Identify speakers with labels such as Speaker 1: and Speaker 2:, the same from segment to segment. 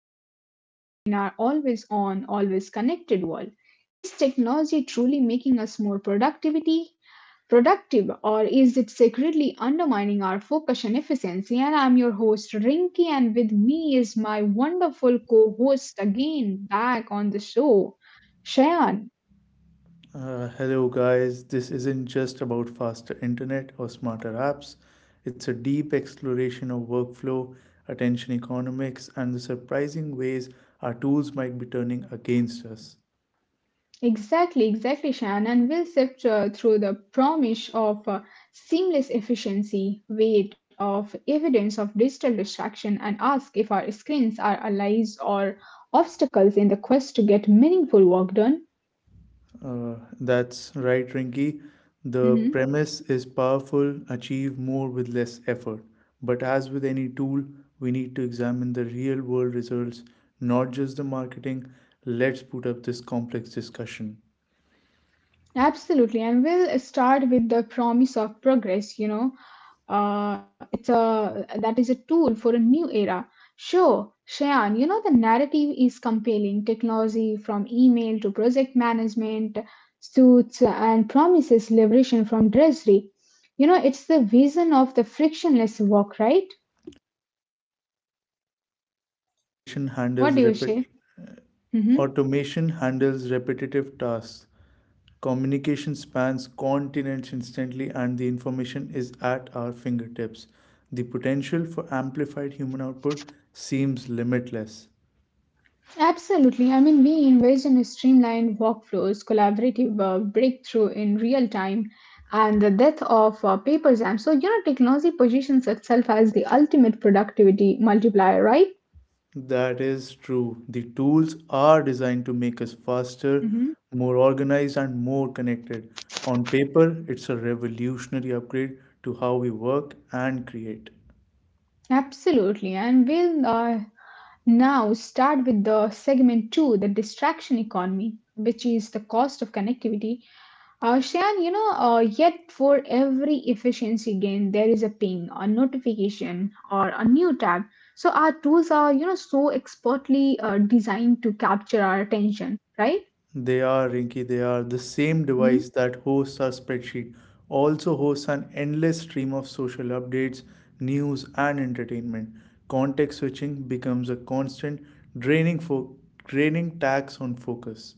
Speaker 1: conversation in our always on, always connected world. Is technology truly making us more productive, or is it secretly undermining our focus and efficiency? And I'm your host Rinky, and with me is my wonderful co-host again back on the show, Shayan.
Speaker 2: Hello, guys. This isn't just about faster internet or smarter apps, it's a deep exploration of workflow, attention economics, and the surprising ways our tools might be turning against us.
Speaker 1: Exactly, exactly, Shan. And we'll sift through the promise of seamless efficiency, weight of evidence of digital distraction, and ask if our screens are allies or obstacles in the quest to get meaningful work done.
Speaker 2: Uh, that's right, Rinky. The
Speaker 1: Mhm.
Speaker 2: premise is powerful, achieve more with less effort. But as with any tool, we need to examine the real world results, not just the marketing. Let's put up this complex discussion.
Speaker 1: Absolutely, and we'll start with the promise of progress. You know, it's a That is a tool for a new era. Sure, Shayan, you know the narrative is compelling. Technology from email to project management, suits and promises liberation from drudgery. You know, it's the vision of the frictionless work, right?
Speaker 2: Automation handles
Speaker 1: What do you
Speaker 2: rapid
Speaker 1: say? Mm-hmm.
Speaker 2: Automation handles repetitive tasks. Communication spans continents instantly, and the information is at our fingertips. The potential for amplified human output seems limitless.
Speaker 1: Absolutely. I mean, we invest in streamlined workflows, collaborative breakthrough in real time, and the death of paper jam. So, you know, technology positions itself as the ultimate productivity multiplier, right?
Speaker 2: That is true. The tools are designed to make us faster,
Speaker 1: Hmm.
Speaker 2: more organized, and more connected. On paper, it's a revolutionary upgrade to how we work and create.
Speaker 1: Absolutely. And we'll now start with the segment two, the distraction economy, which is the cost of connectivity. Shan, you know, yet for every efficiency gain, there is a ping, a notification, or a new tab. So our tools are, you know, so expertly designed to capture our attention, right?
Speaker 2: They are, Rinky, they are. The same
Speaker 1: Mhm.
Speaker 2: device that hosts our spreadsheet also hosts an endless stream of social updates, news, and entertainment. Context switching becomes a constant, draining, fo- draining tax on focus.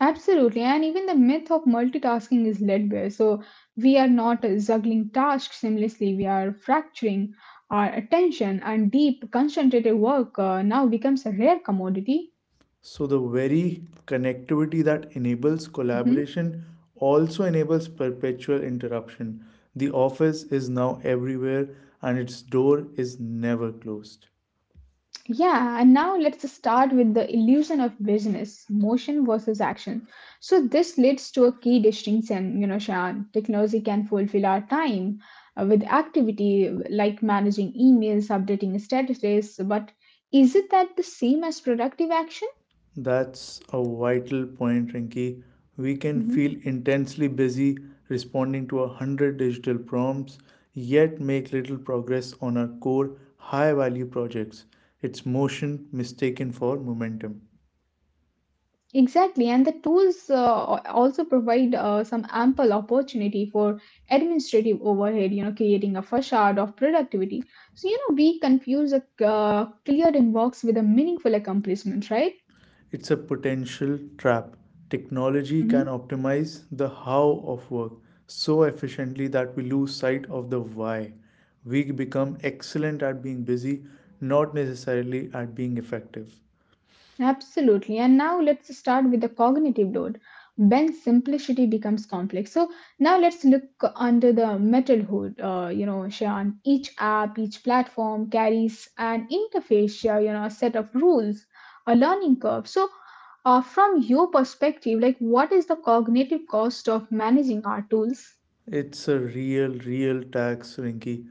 Speaker 1: Absolutely. And even the myth of multitasking is threadbare. So we are not juggling tasks seamlessly. We are fracturing our attention, and deep, concentrated work now becomes a rare commodity.
Speaker 2: So, the very connectivity that enables
Speaker 1: Mm-hmm.
Speaker 2: collaboration also enables perpetual interruption. The office is now everywhere and its door is never closed.
Speaker 1: Yeah, and now let's start with the illusion of business, motion versus action. So this leads to a key distinction, you know, Shan. Technology can fulfill our time with activity like managing emails, updating statuses, but is it that the same as productive action?
Speaker 2: That's a vital point, Rinky. We can
Speaker 1: Mm-hmm.
Speaker 2: feel intensely busy responding to 100 digital prompts, yet make little progress on our core high value projects. It's motion mistaken for momentum.
Speaker 1: Exactly, and the tools also provide some ample opportunity for administrative overhead, you know, creating a facade of productivity. So, you know, we confuse a clear inbox with a meaningful accomplishment, right?
Speaker 2: It's a potential trap. Technology
Speaker 1: Hmm.
Speaker 2: can optimize the how of work so efficiently that we lose sight of the why. We become excellent at being busy, not necessarily at being effective.
Speaker 1: Absolutely. And now let's start with the cognitive load. When simplicity becomes complex. So, now let's look under the metal hood, you know, Shan. Each app, each platform carries an interface, you know, a set of rules a learning curve. So from your perspective, like what is the cognitive cost of managing our tools?
Speaker 2: It's a real, real tax, Rinky.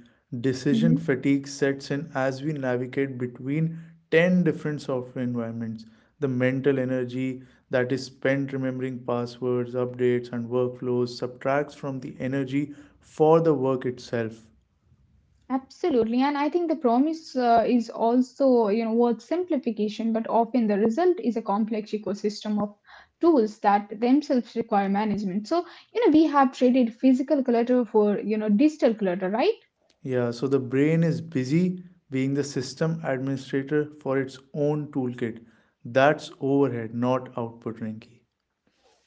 Speaker 2: Decision
Speaker 1: Mhm.
Speaker 2: fatigue sets in as we navigate between 10 different software environments. The mental energy that is spent remembering passwords, updates, and workflows subtracts from the energy for the work itself.
Speaker 1: Absolutely, and I think the promise is also you know worth simplification, but often the result is a complex ecosystem of tools that themselves require management. So you know we have traded physical clutter for you know digital clutter, right?
Speaker 2: Yeah, so the brain is busy being the system administrator for its own toolkit. That's overhead, not output, Rinky.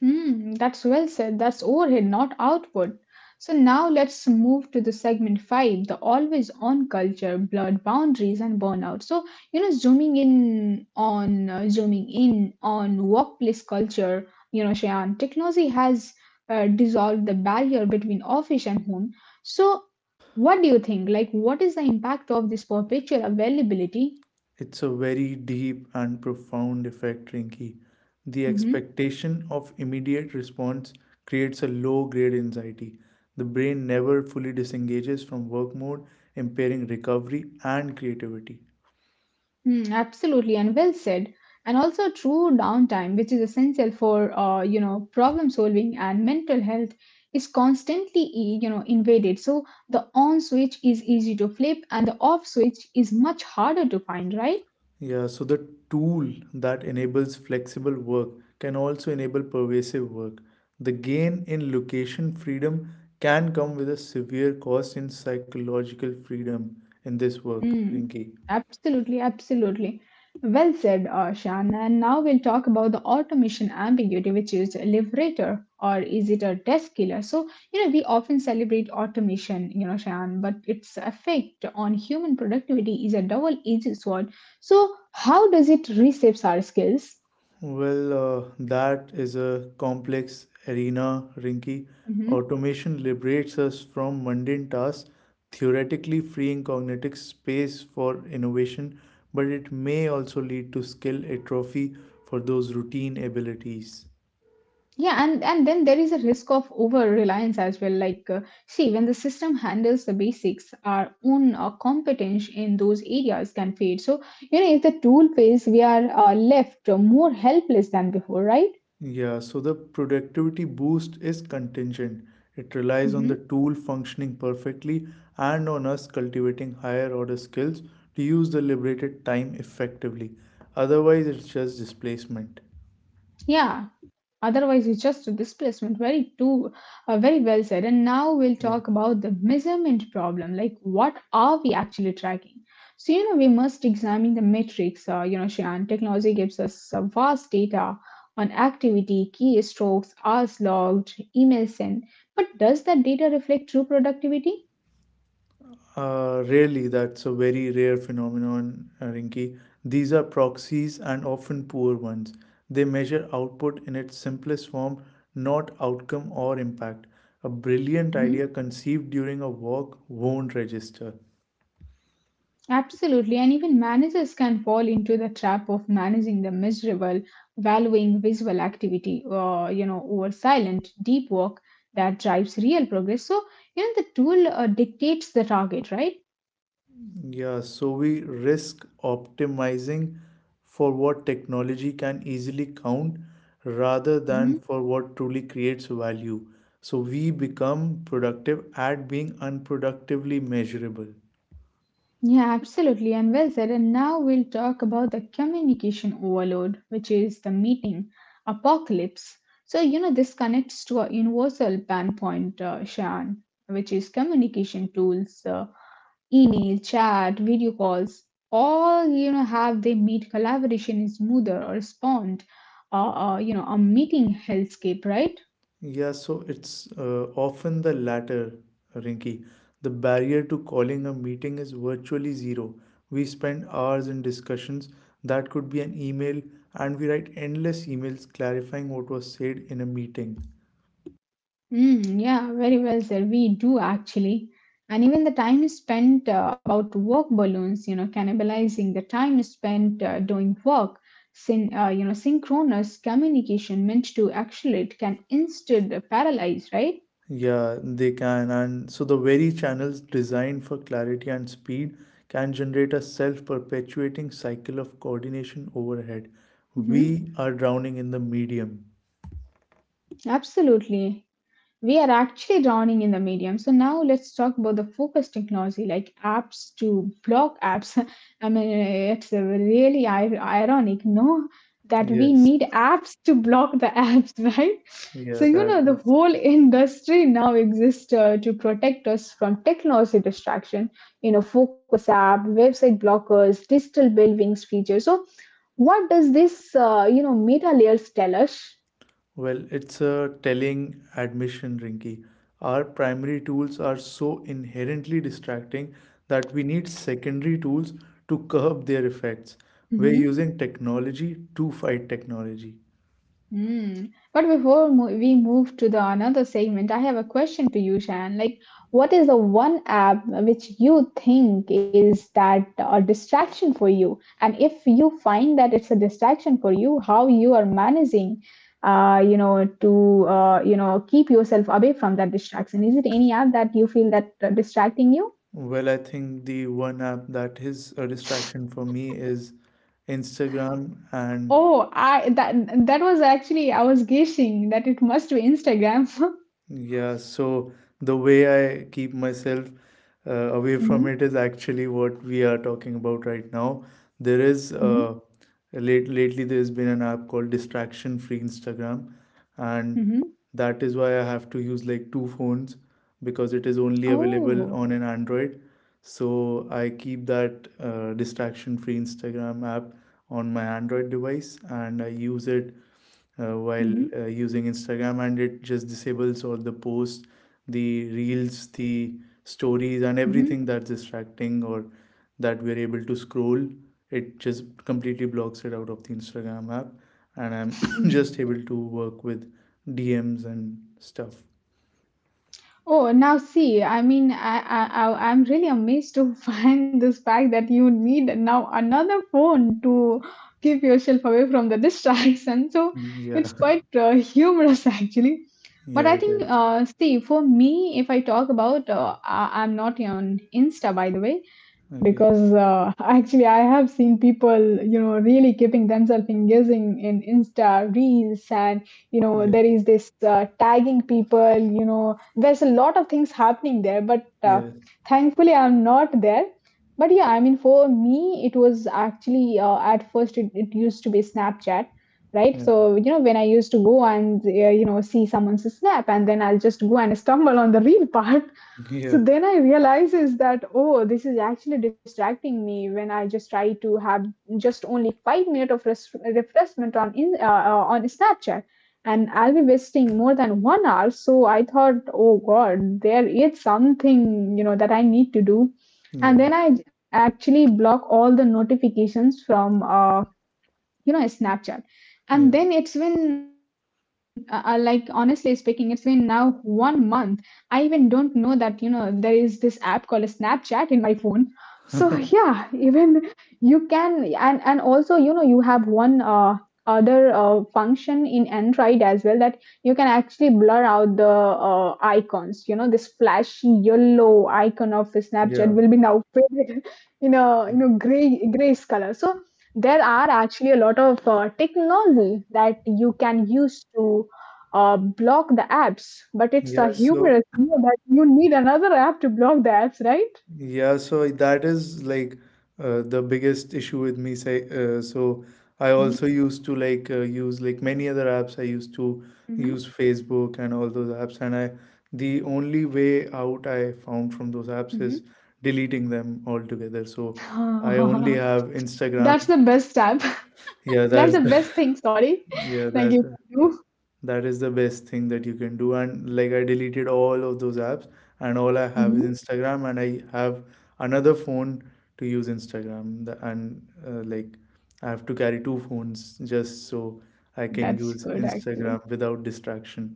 Speaker 1: Mm, that's well said. That's overhead, not output. So now let's move to the segment five, the always on culture, blurred boundaries, and burnout. So, you know, zooming in on workplace culture, you know, Shayan, technology has dissolved the barrier between office and home. So, what do you think? Like, what is the impact of this perpetual availability?
Speaker 2: It's a very deep and profound effect, Rinky. The
Speaker 1: Mm-hmm.
Speaker 2: expectation of immediate response creates a low grade anxiety. The brain never fully disengages from work mode, impairing recovery and creativity.
Speaker 1: Mm, absolutely, and well said. And also true downtime, which is essential for you know problem solving and mental health, is constantly you know invaded. So the on switch is easy to flip, and the off switch is much harder to find, right?
Speaker 2: Yeah, so the tool that enables flexible work can also enable pervasive work. The gain in location freedom can come with a severe cost in psychological freedom in this work,
Speaker 1: Mm,
Speaker 2: Rinki.
Speaker 1: absolutely, absolutely. Well said, Arshan. And now we'll talk about the automation ambiguity, which is a liberator or is it a desk killer? So, you know, we often celebrate automation, you know, Shan, but its effect on human productivity is a double-edged sword. So, how does it reshape our skills?
Speaker 2: Well, that is a complex arena, Rinky.
Speaker 1: Mm-hmm.
Speaker 2: Automation liberates us from mundane tasks, theoretically freeing cognitive space for innovation, but it may also lead to skill atrophy for those routine abilities.
Speaker 1: Yeah, and then there is a risk of over reliance as well, like, see when the system handles the basics our own competence in those areas can fade. So you know if the tool fails we are left more helpless than before, right?
Speaker 2: Yeah, so the productivity boost is contingent. It relies on the
Speaker 1: Hmm.
Speaker 2: tool functioning perfectly and on us cultivating higher order skills to use the liberated time effectively. Otherwise, it's just displacement.
Speaker 1: Yeah. Otherwise, it's just a displacement. Very too, very well said. And now we'll
Speaker 2: Yeah.
Speaker 1: talk about the measurement problem. Like, what are we actually tracking? So you know, we must examine the metrics. You know, Shian, technology gives us vast data on activity, keystrokes, hours logged, email sent. But does that data reflect true productivity?
Speaker 2: Really, that's a very rare phenomenon, Rinki. These are proxies and often poor ones. They measure output in its simplest form, not outcome or impact. A brilliant
Speaker 1: Mhm.
Speaker 2: idea conceived during a walk won't register.
Speaker 1: Absolutely, and even managers can fall into the trap of managing the miserable, valuing visual activity, you know, over silent, deep work that drives real progress. So, you know, the tool dictates the target, right?
Speaker 2: Yeah, so we risk optimizing for what technology can easily count rather than
Speaker 1: Hmm.
Speaker 2: for what truly creates value. So we become productive at being unproductively measurable.
Speaker 1: Yeah, absolutely, and well said. And now we'll talk about the communication overload, which is the meeting apocalypse. So, you know, this connects to a universal pan point, Shan, which is communication tools. Email, chat, video calls, all you know have they made collaboration is smoother or spawned you know a meeting hellscape, right?
Speaker 2: Yeah, so it's often the latter, Rinki. The barrier to calling a meeting is virtually zero. We spend hours in discussions that could be an email, and we write endless emails clarifying what was said in a meeting.
Speaker 1: Mm, yeah, very well said. We do actually, and even the time is spent about work balloons, you know, cannibalizing the time is spent doing work. You know, synchronous communication meant to accelerate can instead paralyze, right?
Speaker 2: Yeah, they can. And so the very channels designed for clarity and speed can generate a self perpetuating cycle of coordination overhead.
Speaker 1: Hmm.
Speaker 2: We are drowning in the medium.
Speaker 1: Absolutely. We are actually drowning in the medium. So now let's talk about the focus technology, like apps to block apps. I mean, it's really ironic, no, that we
Speaker 2: Yes,
Speaker 1: need apps to block the apps, right?
Speaker 2: yeah,
Speaker 1: So you
Speaker 2: that
Speaker 1: know, the
Speaker 2: is.
Speaker 1: whole industry now exists to protect us from technology distraction. You know, focus app, website blockers, digital buildings features. So what does this, you know, meta layers tell us?
Speaker 2: Well, it's a telling admission, Rinky. Our primary tools are so inherently distracting that we need secondary tools to curb their effects. We're
Speaker 1: Mm-hmm.
Speaker 2: using technology to fight technology.
Speaker 1: Mm. But before mo we move to the another segment, I have a question to you, Shan. Like, what is the one app which you think is that a distraction for you? And if you find that it's a distraction for you, how you are managing, you know, to you know, keep yourself away from that distraction? Is it any app that you feel that distracting you?
Speaker 2: Well, I think the one app that is a distraction for me is Instagram, and
Speaker 1: Oh, I that that was actually I was guessing that it must be Instagram.
Speaker 2: yeah, so the way I keep myself away from
Speaker 1: Mm-hmm.
Speaker 2: it is actually what we are talking about right now. There is
Speaker 1: Mm-hmm.
Speaker 2: late lately there's been an app called Distraction Free Instagram, and
Speaker 1: Mm-hmm.
Speaker 2: that is why I have to use like two phones because it is only available
Speaker 1: Oh.
Speaker 2: on an Android. So I keep that Distraction Free Instagram app on my Android device and I use it while
Speaker 1: Mm-hmm.
Speaker 2: using Instagram, and it just disables all the posts, the reels, the stories, and
Speaker 1: 嗯哼，
Speaker 2: everything that's distracting or that we're able to scroll. It just completely blocks it out of the Instagram app, and I'm
Speaker 1: 嗯
Speaker 2: just able to work with DMs and stuff.
Speaker 1: Oh, now see, I mean, I'm really amazed to find this fact that you need now another phone to keep yourself away from the distraction. So
Speaker 2: Yeah,
Speaker 1: it's quite humorous actually. But
Speaker 2: yeah,
Speaker 1: I
Speaker 2: it
Speaker 1: think,
Speaker 2: is.
Speaker 1: see, for me, if I talk about, I'm not on Insta, by the way,
Speaker 2: Okay.
Speaker 1: because actually I have seen people, you know, really keeping themselves engaging in Insta reels and you know
Speaker 2: Yes.
Speaker 1: there is this tagging people, you know, there's a lot of things happening there, but
Speaker 2: Yes.
Speaker 1: thankfully I'm not there. But yeah, I mean for me it was actually at first, it used to be Snapchat, right?
Speaker 2: Yeah.
Speaker 1: So you know when I used to go and you know see someone's snap and then I'll just go and stumble on the real part.
Speaker 2: Yeah.
Speaker 1: So then I realize is that oh, this is actually distracting me when I just try to have just only 5 minutes of refreshment on in on Snapchat, and I'll be wasting more than 1 hour. So I thought, oh God, there is something you know that I need to do, and
Speaker 2: Yeah.
Speaker 1: then I actually block all the notifications from you know Snapchat. And
Speaker 2: Yeah.
Speaker 1: then it's been like honestly speaking it's been now 1 month. I even don't know that you know there is this app called Snapchat in my phone. So yeah, even you can, and also you know you have one other function in Android as well that you can actually blur out the icons. You know this flashy yellow icon of Snapchat
Speaker 2: Yeah.
Speaker 1: will be now faded in a
Speaker 2: Yeah.
Speaker 1: you know gray grayscale. There are actually a lot of technology that you can use to block the apps, but it's a
Speaker 2: Yeah. So
Speaker 1: humorous you know, that you need another app to block the apps, right?
Speaker 2: yeah, so that is like the biggest issue with me. Say, so I
Speaker 1: Mm-hmm.
Speaker 2: also used to like use like many other apps. I used to use Facebook and all those apps, and I the only way out I found from those apps
Speaker 1: Mm-hmm.
Speaker 2: is deleting them altogether. So I only
Speaker 1: Mm-hmm.
Speaker 2: have
Speaker 1: That's
Speaker 2: Instagram.
Speaker 1: the best app.
Speaker 2: Yeah,
Speaker 1: That's the best thing. Sorry,
Speaker 2: yeah,
Speaker 1: like
Speaker 2: that's
Speaker 1: you can do.
Speaker 2: that is the best thing that you can do. And like I deleted all of those apps, and all I have is
Speaker 1: Hmm.
Speaker 2: Instagram, and I have another phone to use Instagram. And like I have to carry two phones just so I can
Speaker 1: That's
Speaker 2: use
Speaker 1: good actually.
Speaker 2: Instagram without distraction.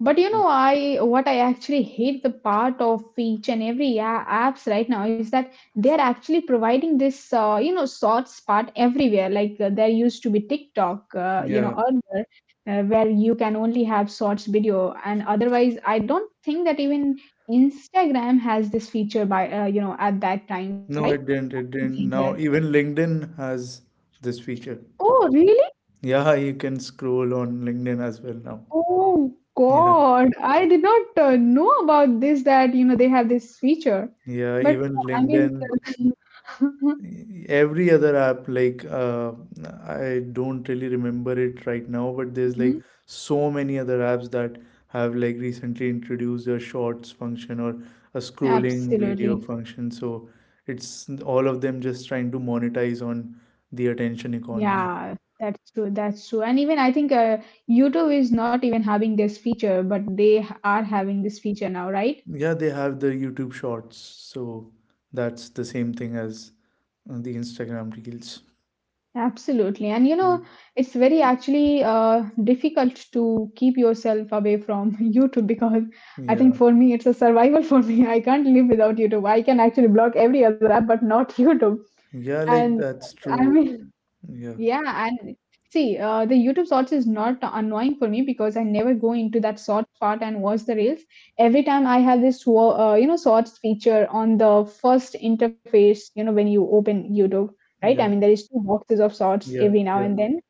Speaker 1: But you know, I what I actually hate the part of each and every apps right now is that they are actually providing this you know sorts part everywhere. Like there used to be TikTok, you know,
Speaker 2: Yeah.
Speaker 1: earlier where you can only have sorts video, and otherwise I don't think that even Instagram has this feature by you know at that time, right? I
Speaker 2: No, it didn't. It
Speaker 1: don't
Speaker 2: didn't.
Speaker 1: think
Speaker 2: Now,
Speaker 1: that.
Speaker 2: even LinkedIn has this feature.
Speaker 1: Oh, really?
Speaker 2: Yeah, you can scroll on LinkedIn as well now.
Speaker 1: Oh
Speaker 2: Yeah.
Speaker 1: God, I did not know about this that you know they have this feature.
Speaker 2: Yeah,
Speaker 1: But
Speaker 2: even
Speaker 1: I mean,
Speaker 2: LinkedIn.
Speaker 1: the-
Speaker 2: Every other app like I don't really remember it right now, but there's
Speaker 1: Mhm.
Speaker 2: like so many other apps that have like recently introduced a shorts function or a scrolling video
Speaker 1: Absolutely.
Speaker 2: function. So it's all of them just trying to monetize on the attention economy.
Speaker 1: Yeah, that's true. That's true. And even I think YouTube is not even having this feature, but they are having this feature now, right?
Speaker 2: Yeah, they have the YouTube shorts, so that's the same thing as the Instagram reels.
Speaker 1: Absolutely. And you know,
Speaker 2: Mm.
Speaker 1: it's very actually difficult to keep yourself away from YouTube because I think
Speaker 2: Yeah,
Speaker 1: for me, it's a survival for me. I can't live without YouTube. I can actually block every other app, but not YouTube.
Speaker 2: yeah, like
Speaker 1: And
Speaker 2: that's
Speaker 1: I
Speaker 2: true.
Speaker 1: mean,
Speaker 2: Yeah,
Speaker 1: yeah, and see, the YouTube Shorts is not annoying for me because I never go into that short part and watch the reels. Every time I have this, Shorts feature on the first interface, you know, when you open YouTube, right? I mean,
Speaker 2: yeah,
Speaker 1: there is two boxes of Shorts
Speaker 2: yeah.
Speaker 1: every now
Speaker 2: Yeah,
Speaker 1: and then,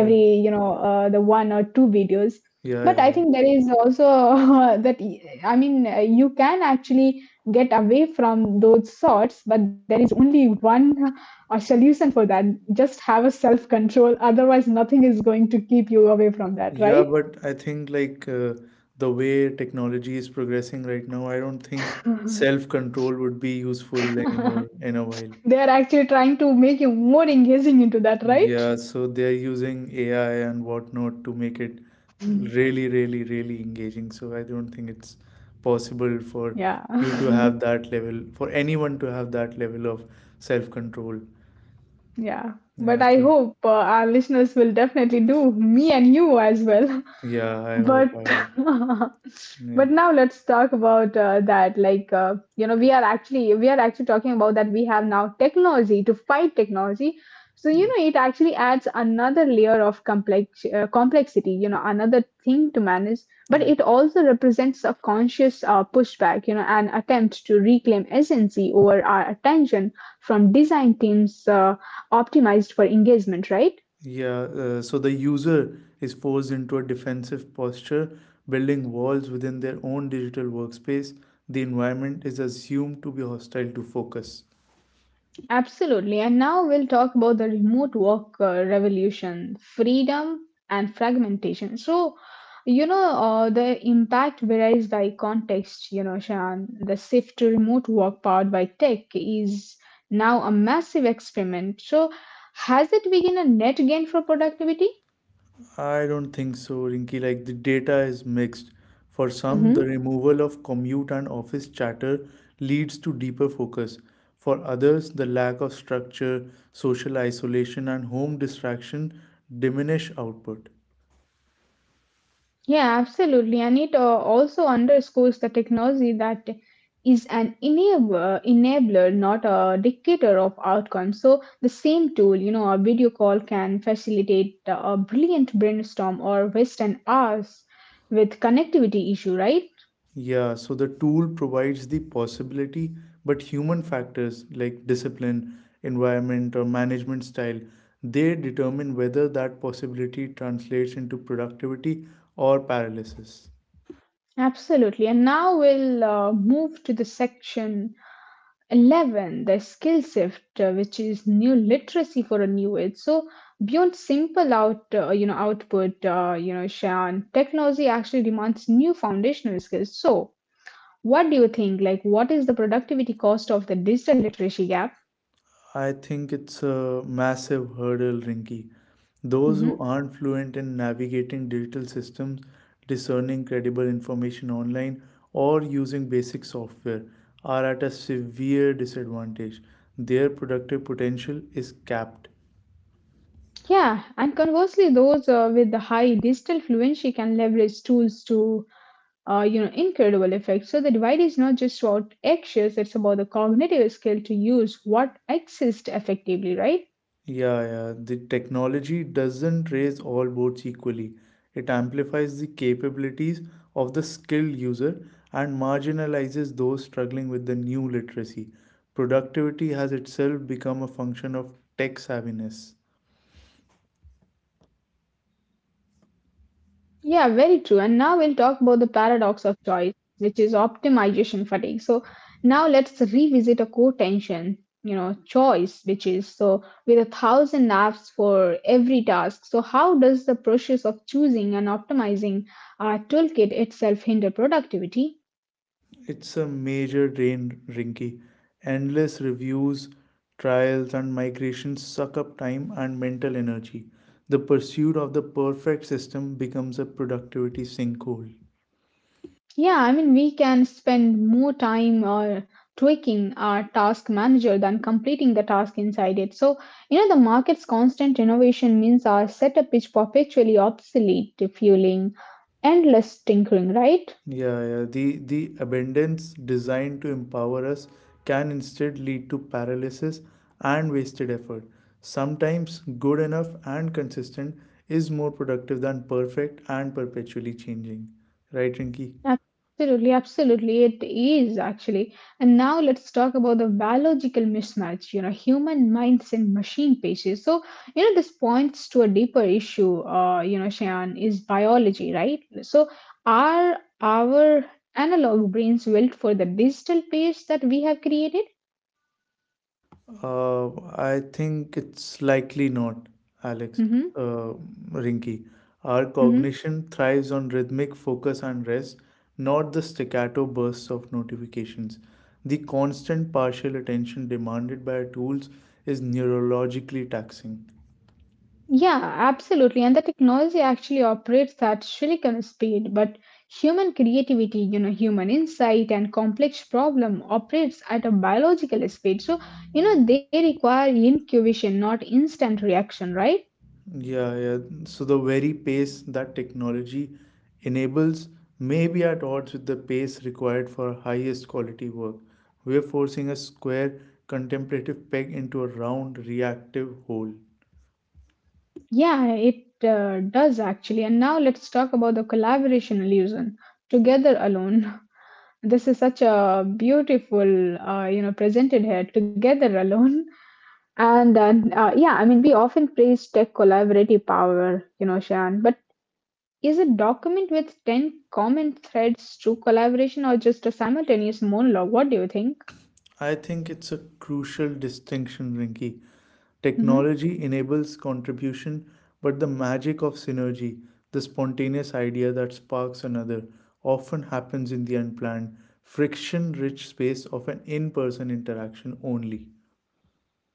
Speaker 2: yeah.
Speaker 1: the one or two videos.
Speaker 2: Yeah,
Speaker 1: But
Speaker 2: yeah,
Speaker 1: I
Speaker 2: yeah.
Speaker 1: think there is also that, you can actually get away from those Shorts, but there is only one a solution for that. Just have a self control. Otherwise, nothing is going to keep you away from that,
Speaker 2: Yeah,
Speaker 1: right?
Speaker 2: but I think like the way technology is progressing right now, I don't think
Speaker 1: Mhm.
Speaker 2: self-control would be useful anymore in a while.
Speaker 1: They are actually trying to make you more engaging into that, right?
Speaker 2: Yeah, so they're using AI and whatnot to make it
Speaker 1: Mhm.
Speaker 2: really, really, really engaging. So I don't think it's possible for
Speaker 1: Yeah.
Speaker 2: you to
Speaker 1: Mm-hmm.
Speaker 2: have that level, for anyone to have that level of self-control.
Speaker 1: Yeah.
Speaker 2: Yeah,
Speaker 1: But I
Speaker 2: so
Speaker 1: hope our listeners will definitely do, me and you as well.
Speaker 2: yeah, I
Speaker 1: But
Speaker 2: hope, I hope. Yeah,
Speaker 1: but now let's talk about that like you know we are actually talking about that we have now technology to fight technology, so you know it actually adds another layer of complexity, you know, another thing to manage, but
Speaker 2: yeah.
Speaker 1: it also represents a conscious pushback, you know, an attempt to reclaim agency over our attention from design teams optimized for engagement, right?
Speaker 2: Yeah, so the user is forced into a defensive posture, building walls within their own digital workspace. The environment is assumed to be hostile to focus.
Speaker 1: Absolutely. And now we'll talk about the remote work revolution, freedom and fragmentation. So, the impact varies by context, you know, Shan. The shift to remote work powered by tech is now a massive experiment. So, has it been a net gain for productivity?
Speaker 2: I don't think so, Rinky. Like the data is mixed. For some, the removal of commute and office chatter leads to deeper focus. For others, the lack of structure, social isolation, and home distraction diminish output.
Speaker 1: Yeah, absolutely. And it also underscores the technology that is an enabler, not a dictator of outcomes. So, the same tool, you know, a video call can facilitate a brilliant brainstorm or waste an hours with connectivity issue, right?
Speaker 2: Yeah, so the tool provides the possibility, but human factors like discipline, environment, or management style, they determine whether that possibility translates into productivity or paralysis.
Speaker 1: Absolutely. And now we'll move to the section 11, the skill shift, which is new literacy for a new age. So beyond simple output, Shan, technology actually demands new foundational skills. So what do you think, like what is the productivity cost of the digital literacy gap?
Speaker 2: I think it's a massive hurdle, Rinky. Those
Speaker 1: Hmm.
Speaker 2: who aren't fluent in navigating digital systems, discerning credible information online, or using basic software are at a severe disadvantage. Their productive potential is capped.
Speaker 1: Yeah, and conversely, those with the high digital fluency can leverage tools to incredible effect. So the divide is not just about actions, it's about the cognitive skill to use what exists effectively, right?
Speaker 2: Yeah, yeah. The technology doesn't raise all boats equally. It amplifies the capabilities of the skilled user and marginalizes those struggling with the new literacy. Productivity has itself become a function of tech savviness.
Speaker 1: Yeah, very true. And now we'll talk about the paradox of choice, which is optimization fatigue. So now let's revisit a core tension, you know, choice, which is, so with a thousand apps for every task. So how does the process of choosing and optimizing our toolkit itself hinder productivity?
Speaker 2: It's a major drain, Rinky. Endless reviews, trials, and migrations suck up time and mental energy. The pursuit of the perfect system becomes a productivity sinkhole.
Speaker 1: Yeah, I mean, we can spend more time tweaking our task manager than completing the task inside it. So, you know, the market's constant innovation means our setup is perpetually obsolete, fueling endless tinkering, right?
Speaker 2: Yeah, yeah. The abundance designed to empower us can instead lead to paralysis and wasted effort. Sometimes good enough and consistent is more productive than perfect and perpetually changing. Right, Rinki?
Speaker 1: Absolutely, absolutely, it is actually. And now let's talk about the biological mismatch, you know, human minds and machine pages. So, you know, this points to a deeper issue, Shayan, is biology, right? So, are our analog brains built for the digital page that we have created?
Speaker 2: Uh, I think it's likely not, Alex.
Speaker 1: Mm-hmm,
Speaker 2: Uh, Rinky, our
Speaker 1: mm-hmm.
Speaker 2: cognition thrives on rhythmic focus and rest, not the staccato bursts of notifications. The constant partial attention demanded by our tools is neurologically taxing.
Speaker 1: Yeah, absolutely. And the technology actually operates at silicon speed, but human creativity, you know, human insight and complex problem operates at a biological speed. So, you know, they require incubation, not instant reaction, right?
Speaker 2: Yeah, yeah. So the very pace that technology enables may be at odds with the pace required for highest quality work. We are forcing a square contemplative peg into a round reactive hole.
Speaker 1: Yeah, it does actually. And now let's talk about the collaboration illusion, together alone. This is such a beautiful, presented here, together alone. And then, yeah, I mean, we often praise tech collaborative power, you know, Shan, but is a document with 10 common threads true collaboration or just a simultaneous monologue? What do you think?
Speaker 2: I think it's a crucial distinction, Rinky.
Speaker 1: Hmm.
Speaker 2: Technology enables contribution, but the magic of synergy, the spontaneous idea that sparks another, often happens in the unplanned, friction rich space of an in person interaction only.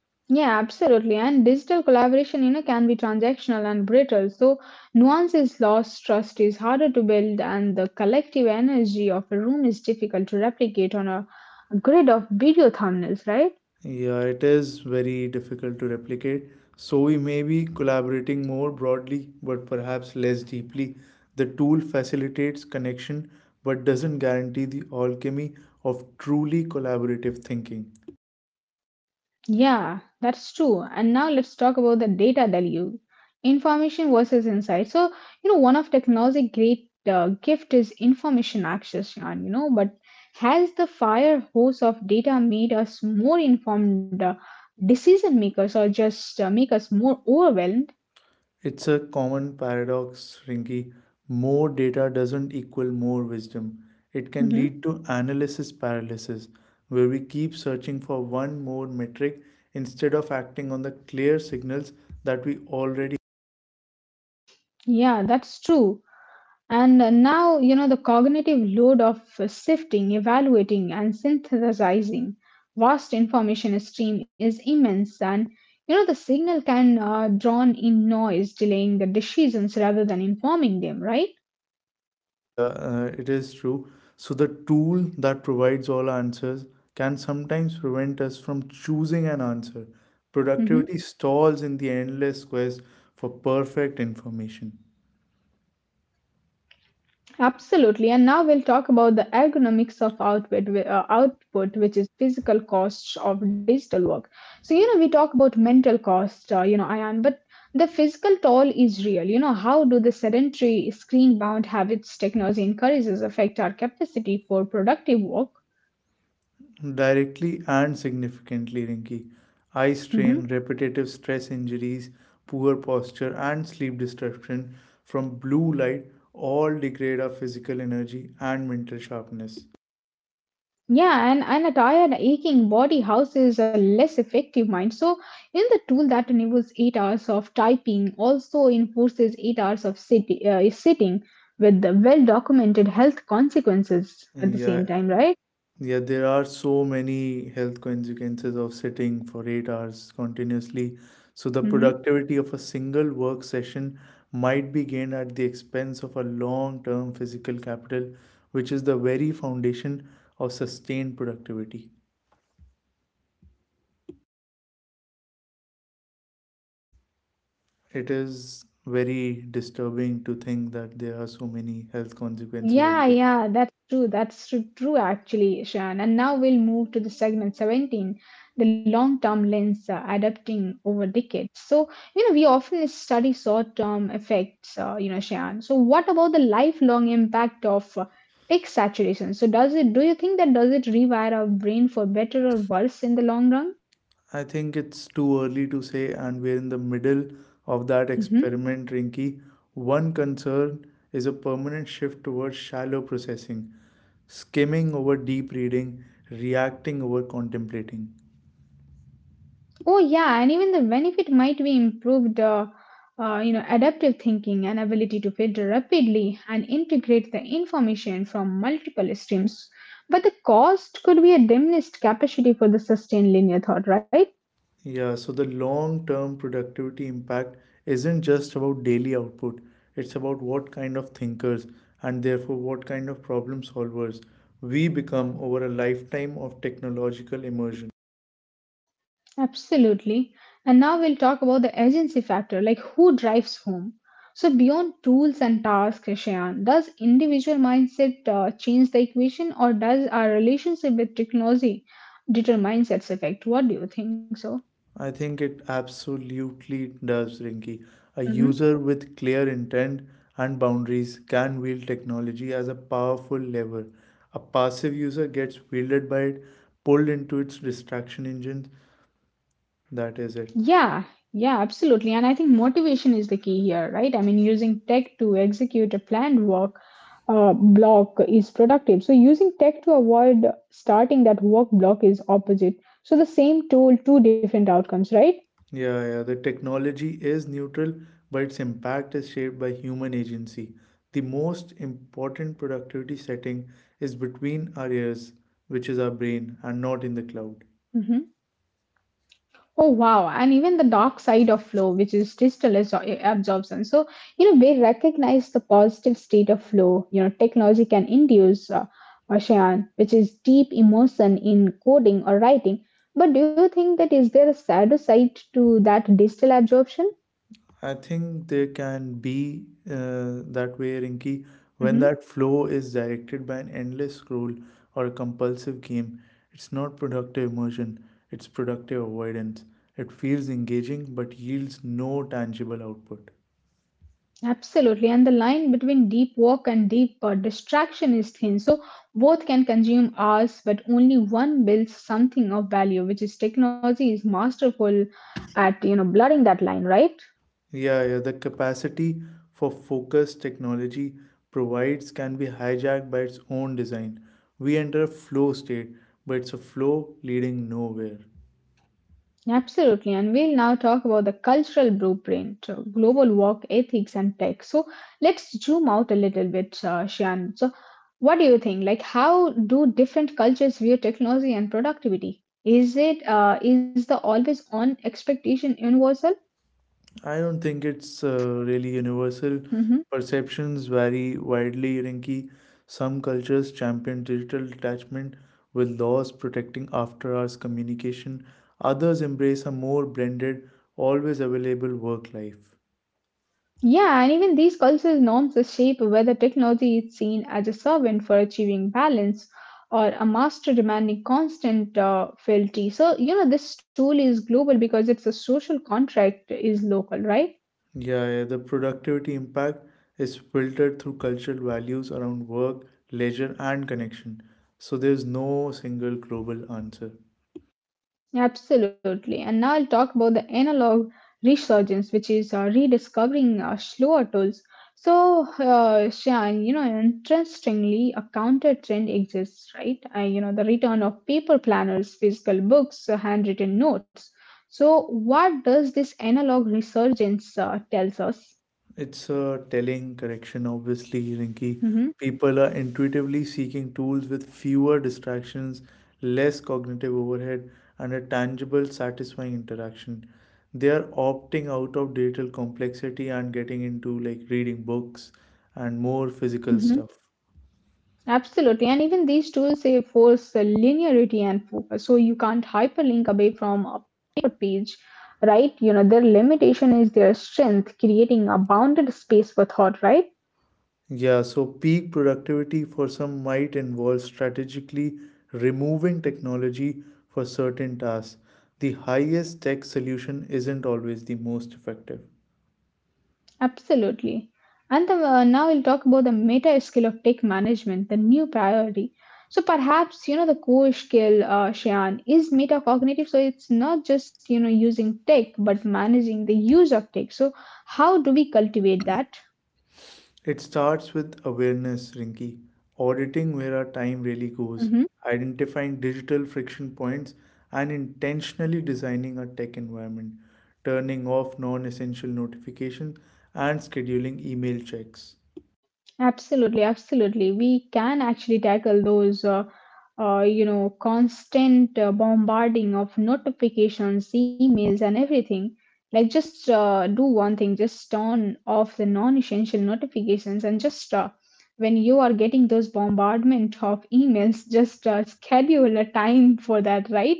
Speaker 1: Yeah, absolutely. And digital collaboration, you know, can be transactional and brittle. So nuance is lost, trust is harder to build, and the collective energy of a room is difficult to replicate on a grid of video thumbnails, right?
Speaker 2: Yeah, it is very difficult to replicate. So we may be collaborating more broadly, but perhaps less deeply. The tool facilitates connection, but doesn't guarantee the alchemy of truly collaborative thinking.
Speaker 1: Yeah, that's true. And now let's talk about the data value, information versus insight. So, you know, one of technology great gift is information access, Shan, you know, but has the fire hose of data made us more informed decision makers, or just make us more overwhelmed?
Speaker 2: It's a common paradox, Rinki. More data doesn't equal more wisdom. It can
Speaker 1: Hmm.
Speaker 2: lead to analysis paralysis, where we keep searching for one more metric instead of acting on the clear signals that we already.
Speaker 1: Yeah, that's true. And now, you know, the cognitive load of sifting, evaluating, and synthesizing vast information stream is immense. And, you know, the signal can drown in noise, delaying the decisions rather than informing them, right?
Speaker 2: Yeah, it is true. So, the tool that provides all answers can sometimes prevent us from choosing an answer.
Speaker 1: Hmm.
Speaker 2: Productivity stalls in the endless quest for perfect information.
Speaker 1: Absolutely. And now we'll talk about the ergonomics of output, which is physical costs of digital work. So, you know, we talk about mental cost, Ayan, but the physical toll is real. You know, how do the sedentary screen bound habits technology encourages affect our capacity for productive work?
Speaker 2: Directly and significantly, Rinki. Eye strain,
Speaker 1: Mhm.
Speaker 2: repetitive stress injuries, poor posture, and sleep disruption from blue light all degrade our physical energy and mental sharpness.
Speaker 1: Yeah, and a tired, aching body houses a less effective mind. So, in the tool that enables 8 hours of typing, also enforces 8 hours of sitting with the well documented health consequences at the
Speaker 2: Yeah,
Speaker 1: same time, right?
Speaker 2: yeah, there are so many health consequences of sitting for 8 hours continuously. So, the
Speaker 1: Mm-hmm.
Speaker 2: productivity of a single work session might be gained at the expense of a long term physical capital, which is the very foundation of sustained productivity. It is very disturbing to think that there are so many health consequences of
Speaker 1: Yeah,
Speaker 2: this.
Speaker 1: yeah, that's true. True, actually, Shan. And now we'll move to the segment 17, the long-term lens, adapting over decades. So, you know, we often study short-term effects, Shan. So, what about the lifelong impact of tech saturation? So, does it, do you think that does it rewire our brain for better or worse in the long run?
Speaker 2: I think it's too early to say, and we're in the middle of that
Speaker 1: Mm-hmm.
Speaker 2: experiment, Rinky. One concern is a permanent shift towards shallow processing, skimming over deep reading, reacting over contemplating.
Speaker 1: Oh yeah, and even the benefit might be improved, adaptive thinking and ability to filter rapidly and integrate the information from multiple streams. But the cost could be a diminished capacity for the sustained linear thought, right?
Speaker 2: Yeah, so the long term productivity impact isn't just about daily output, it's about what kind of thinkers and therefore what kind of problem solvers we become over a lifetime of technological immersion.
Speaker 1: Absolutely. And now we'll talk about the agency factor, like who drives whom. So beyond tools and tasks, Shayan, does individual mindset change the equation, or does our relationship with technology determine its effect? What do you think so?
Speaker 2: I think it absolutely does, Rinky. A
Speaker 1: Mm-hmm.
Speaker 2: user with clear intent and boundaries can wield technology as a powerful lever. A passive user gets wielded by it, pulled into its distraction engines. That is it.
Speaker 1: Yeah, yeah, absolutely. And I think motivation is the key here, right? I mean, using tech to execute a planned work block is productive. So, using tech to avoid starting that work block is opposite. So, the same tool, two different outcomes, right?
Speaker 2: Yeah, yeah. The technology is neutral, but its impact is shaped by human agency. The most important productivity setting is between our ears, which is our brain, and not in the cloud.
Speaker 1: Mm-hmm. Oh wow, and even the dark side of flow, which is absorption. So, you know, we recognize the positive state of flow, you know, technology can induce ocean, which is deep emotion in coding or writing. But do you think that is there a shadow side to that digital absorption?
Speaker 2: I think they can be that way, Rinky, when that flow is directed by an endless scroll or a compulsive game. It's not productive immersion, it's productive avoidance. It feels engaging but yields no tangible output.
Speaker 1: Absolutely, and the line between deep work and deep distraction is thin. So both can consume hours, but only one builds something of value, which is technology is masterful at, you know, blurring that line, right?
Speaker 2: Yeah, yeah, the capacity for focus technology provides can be hijacked by its own design. We enter a flow state, but it's a flow leading nowhere.
Speaker 1: Absolutely, and we'll now talk about the cultural blueprint, global work ethics, and tech. So let's zoom out a little bit, Shan. So what do you think? Like, how do different cultures view technology and productivity? Is it is the always on expectation universal?
Speaker 2: I don't think it's really universal.
Speaker 1: Hmm.
Speaker 2: Perceptions vary widely, Rinki. Some cultures champion digital detachment with laws protecting after hours communication. Others embrace a more blended, always available work life.
Speaker 1: Yeah, and even these cultural norms shape whether technology is seen as a servant for achieving balance or a master demanding constant fealty. So, you know, this tool is global because it's a social contract is local, right?
Speaker 2: Yeah, yeah, the productivity impact is filtered through cultural values around work, leisure, and connection. So there's no single global answer.
Speaker 1: Absolutely. And now I'll talk about the analog resurgence, which is rediscovering slower tools. So, Shyan, you know, interestingly, a counter trend exists, right? You know, the return of paper planners, physical books, handwritten notes. So, what does this analog resurgence tells us?
Speaker 2: It's a telling correction, obviously, Rinky.
Speaker 1: Mm-hmm.
Speaker 2: People are intuitively seeking tools with fewer distractions, less cognitive overhead, and a tangible, satisfying interaction. They are opting out of digital complexity and getting into like reading books and more physical
Speaker 1: Mm-hmm.
Speaker 2: stuff.
Speaker 1: Absolutely. And even these tools, they force the linearity and focus. So you can't hyperlink away from a paper page, right? You know, their limitation is their strength, creating a bounded space for thought, right?
Speaker 2: Yeah, so peak productivity for some might involve strategically removing technology for certain tasks. The highest tech solution isn't always the most effective.
Speaker 1: Absolutely. And now we'll talk about the meta skill of tech management, the new priority. So perhaps, you know, the core skill, Shayan, is metacognitive. So it's not just, you know, using tech, but managing the use of tech. So how do we cultivate that?
Speaker 2: It starts with awareness, Rinki. Auditing where our time really goes,
Speaker 1: Mm-hmm.
Speaker 2: identifying digital friction points, and intentionally designing our tech environment, turning off non essential notifications, and scheduling email checks.
Speaker 1: Absolutely, absolutely. We can actually tackle those, constant bombarding of notifications, emails, and everything. Like, just do one thing: just turn off the non-essential notifications, and just when you are getting those bombardment of emails, just schedule a time for that, right?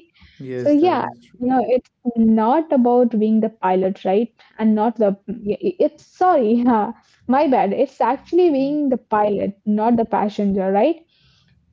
Speaker 1: So
Speaker 2: Yes, that
Speaker 1: yeah,
Speaker 2: is
Speaker 1: you
Speaker 2: true.
Speaker 1: know, it's not about being the pilot, right? And not the it's sorry, my bad. It's actually being the pilot, not the passenger, right?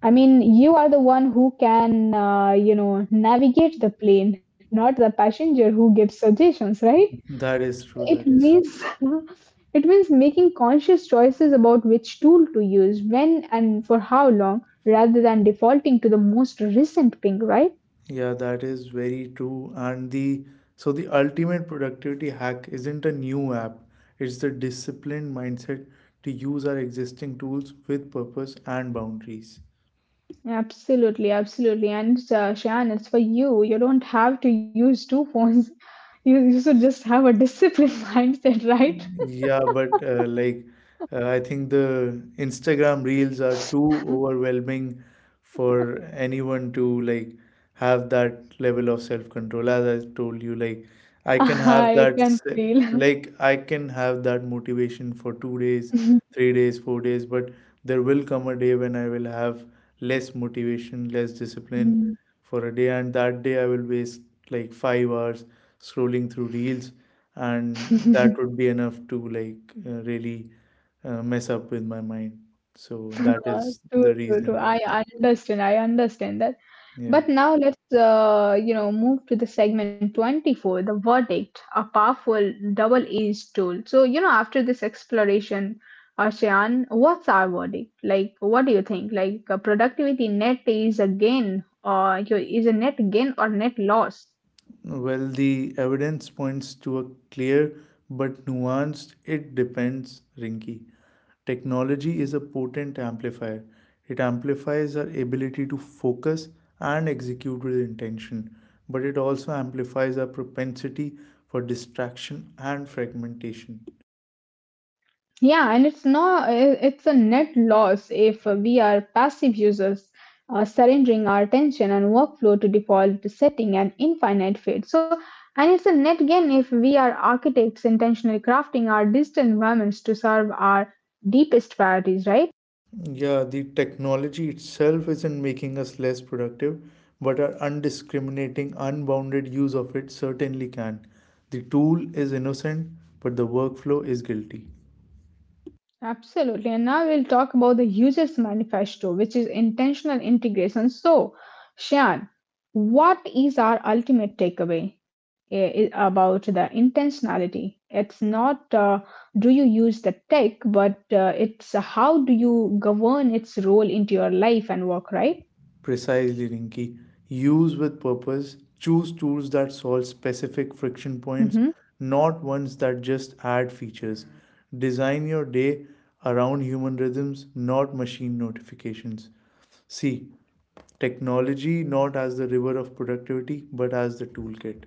Speaker 1: I mean, you are the one who can, navigate the plane, not the passenger who gives suggestions, right?
Speaker 2: That is true.
Speaker 1: It
Speaker 2: That is true.
Speaker 1: means it means making conscious choices about which tool to use, when and for how long, rather than defaulting to the most recent ping, right?
Speaker 2: Yeah, that is very true. And the so the ultimate productivity hack isn't a new app. It's the disciplined mindset to use our existing tools with purpose and boundaries.
Speaker 1: Absolutely, absolutely. And Shan, it's for you. You don't have to use two phones. You should just have a disciplined mindset, right?
Speaker 2: Yeah, but I think the Instagram reels are too overwhelming for anyone to have that level of self-control. As I told you, I can have
Speaker 1: I
Speaker 2: that
Speaker 1: can
Speaker 2: se-
Speaker 1: feel.
Speaker 2: like I can have that motivation for 2 days, 3 days, 4 days, but there will come a day when I will have less motivation, less discipline, for a day, and that day I will waste 5 hours scrolling through reels, and that would be enough to really mess up with my mind. So that is
Speaker 1: True,
Speaker 2: the
Speaker 1: true,
Speaker 2: reason.
Speaker 1: true. I understand. I understand that.
Speaker 2: Yeah,
Speaker 1: But now let's, move to the segment 24, the verdict, a powerful double-edged tool. So, you know, after this exploration, Ashian, what's our verdict? Like, what do you think? Like, productivity net is a gain, or you is a net gain or net loss?
Speaker 2: well, the evidence points to a clear but nuanced it depends, Rinky. Technology is a potent amplifier. It amplifies our ability to focus and execute with intention, but it also amplifies our propensity for distraction and fragmentation.
Speaker 1: Yeah, and it's not, it's a net loss if we are passive users, surrendering our attention and workflow to default setting and infinite fade. So, and it's a net gain if we are architects intentionally crafting our digital environments to serve our deepest priorities, right?
Speaker 2: Yeah, the technology itself isn't making us less productive, but our undiscriminating, unbounded use of it certainly can. The tool is innocent, but the workflow is guilty.
Speaker 1: Absolutely. And now we'll talk about the Users Manifesto, which is intentional integration. So, Shan, what is our ultimate takeaway about the intentionality? It's not do you use the tech, but it's how do you govern its role into your life and work, right?
Speaker 2: Precisely, Rinki. Use with purpose. Choose tools that solve specific friction points,
Speaker 1: Mm-hmm.
Speaker 2: not ones that just add features. Design your day around human rhythms, not machine notifications. See, technology not as the river
Speaker 1: Mm-hmm.
Speaker 2: of productivity, but as the toolkit.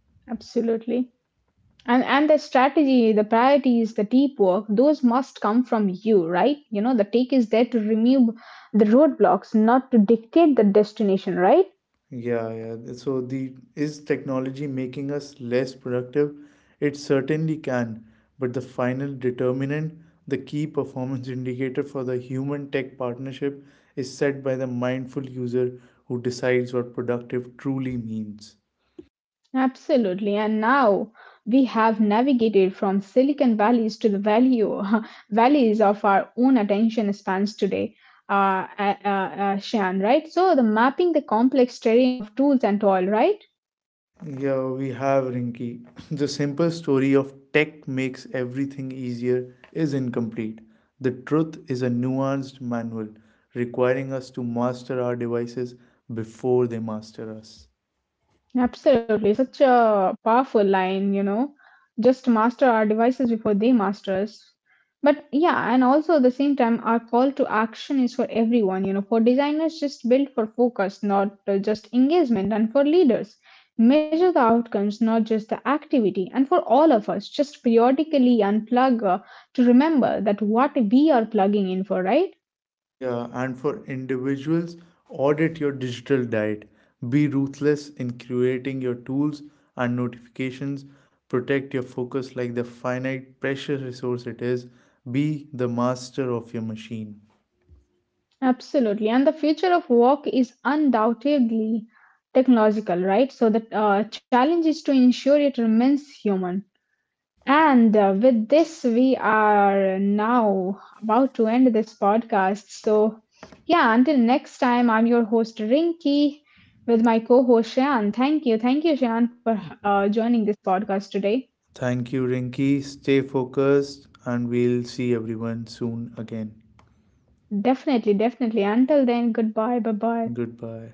Speaker 1: Absolutely. And the strategy, the priorities, the deep work, those must come from you, right? You know, the take is there to remove the roadblocks, not to dictate the destination, right?
Speaker 2: Yeah, yeah. So the is technology making us less productive? It certainly can, but the final determinant, the key performance indicator for the human tech partnership is set by the mindful user who decides what productive truly means.
Speaker 1: Absolutely. And now we have navigated from Silicon Valleys to the value valleys of our own attention spans today. Shan, right? So the mapping the complex terrain of tools and all, right?
Speaker 2: Yeah, we have, Rinky. The simple story of tech makes everything easier is incomplete. The truth is a nuanced manual requiring us to master our devices before they master us.
Speaker 1: Absolutely, such a powerful line, you know. Just master our devices before they master us. But yeah, and also at the same time, our call to action is for everyone, you know, for designers, just build for focus, not just engagement, and for leaders, measure the outcomes, not just the activity, and for all of us, just periodically unplug to remember that what we are plugging in for, right?
Speaker 2: Yeah, and for individuals, audit your digital diet. Be ruthless in creating your tools and notifications. Protect your focus like the finite, precious resource it is. Be the master of your machine.
Speaker 1: Absolutely. And the future of work is undoubtedly technological, right? So the challenge is to ensure it remains human. And with this, we are now about to end this podcast. So, yeah, until next time, I'm your host, Rinky, with my co host, Shan. Thank you. Thank you, Shan, for joining this podcast today.
Speaker 2: Thank you, Rinki. Stay focused, and we'll see everyone soon again.
Speaker 1: Definitely, definitely. Until then, goodbye. Bye bye.
Speaker 2: Goodbye.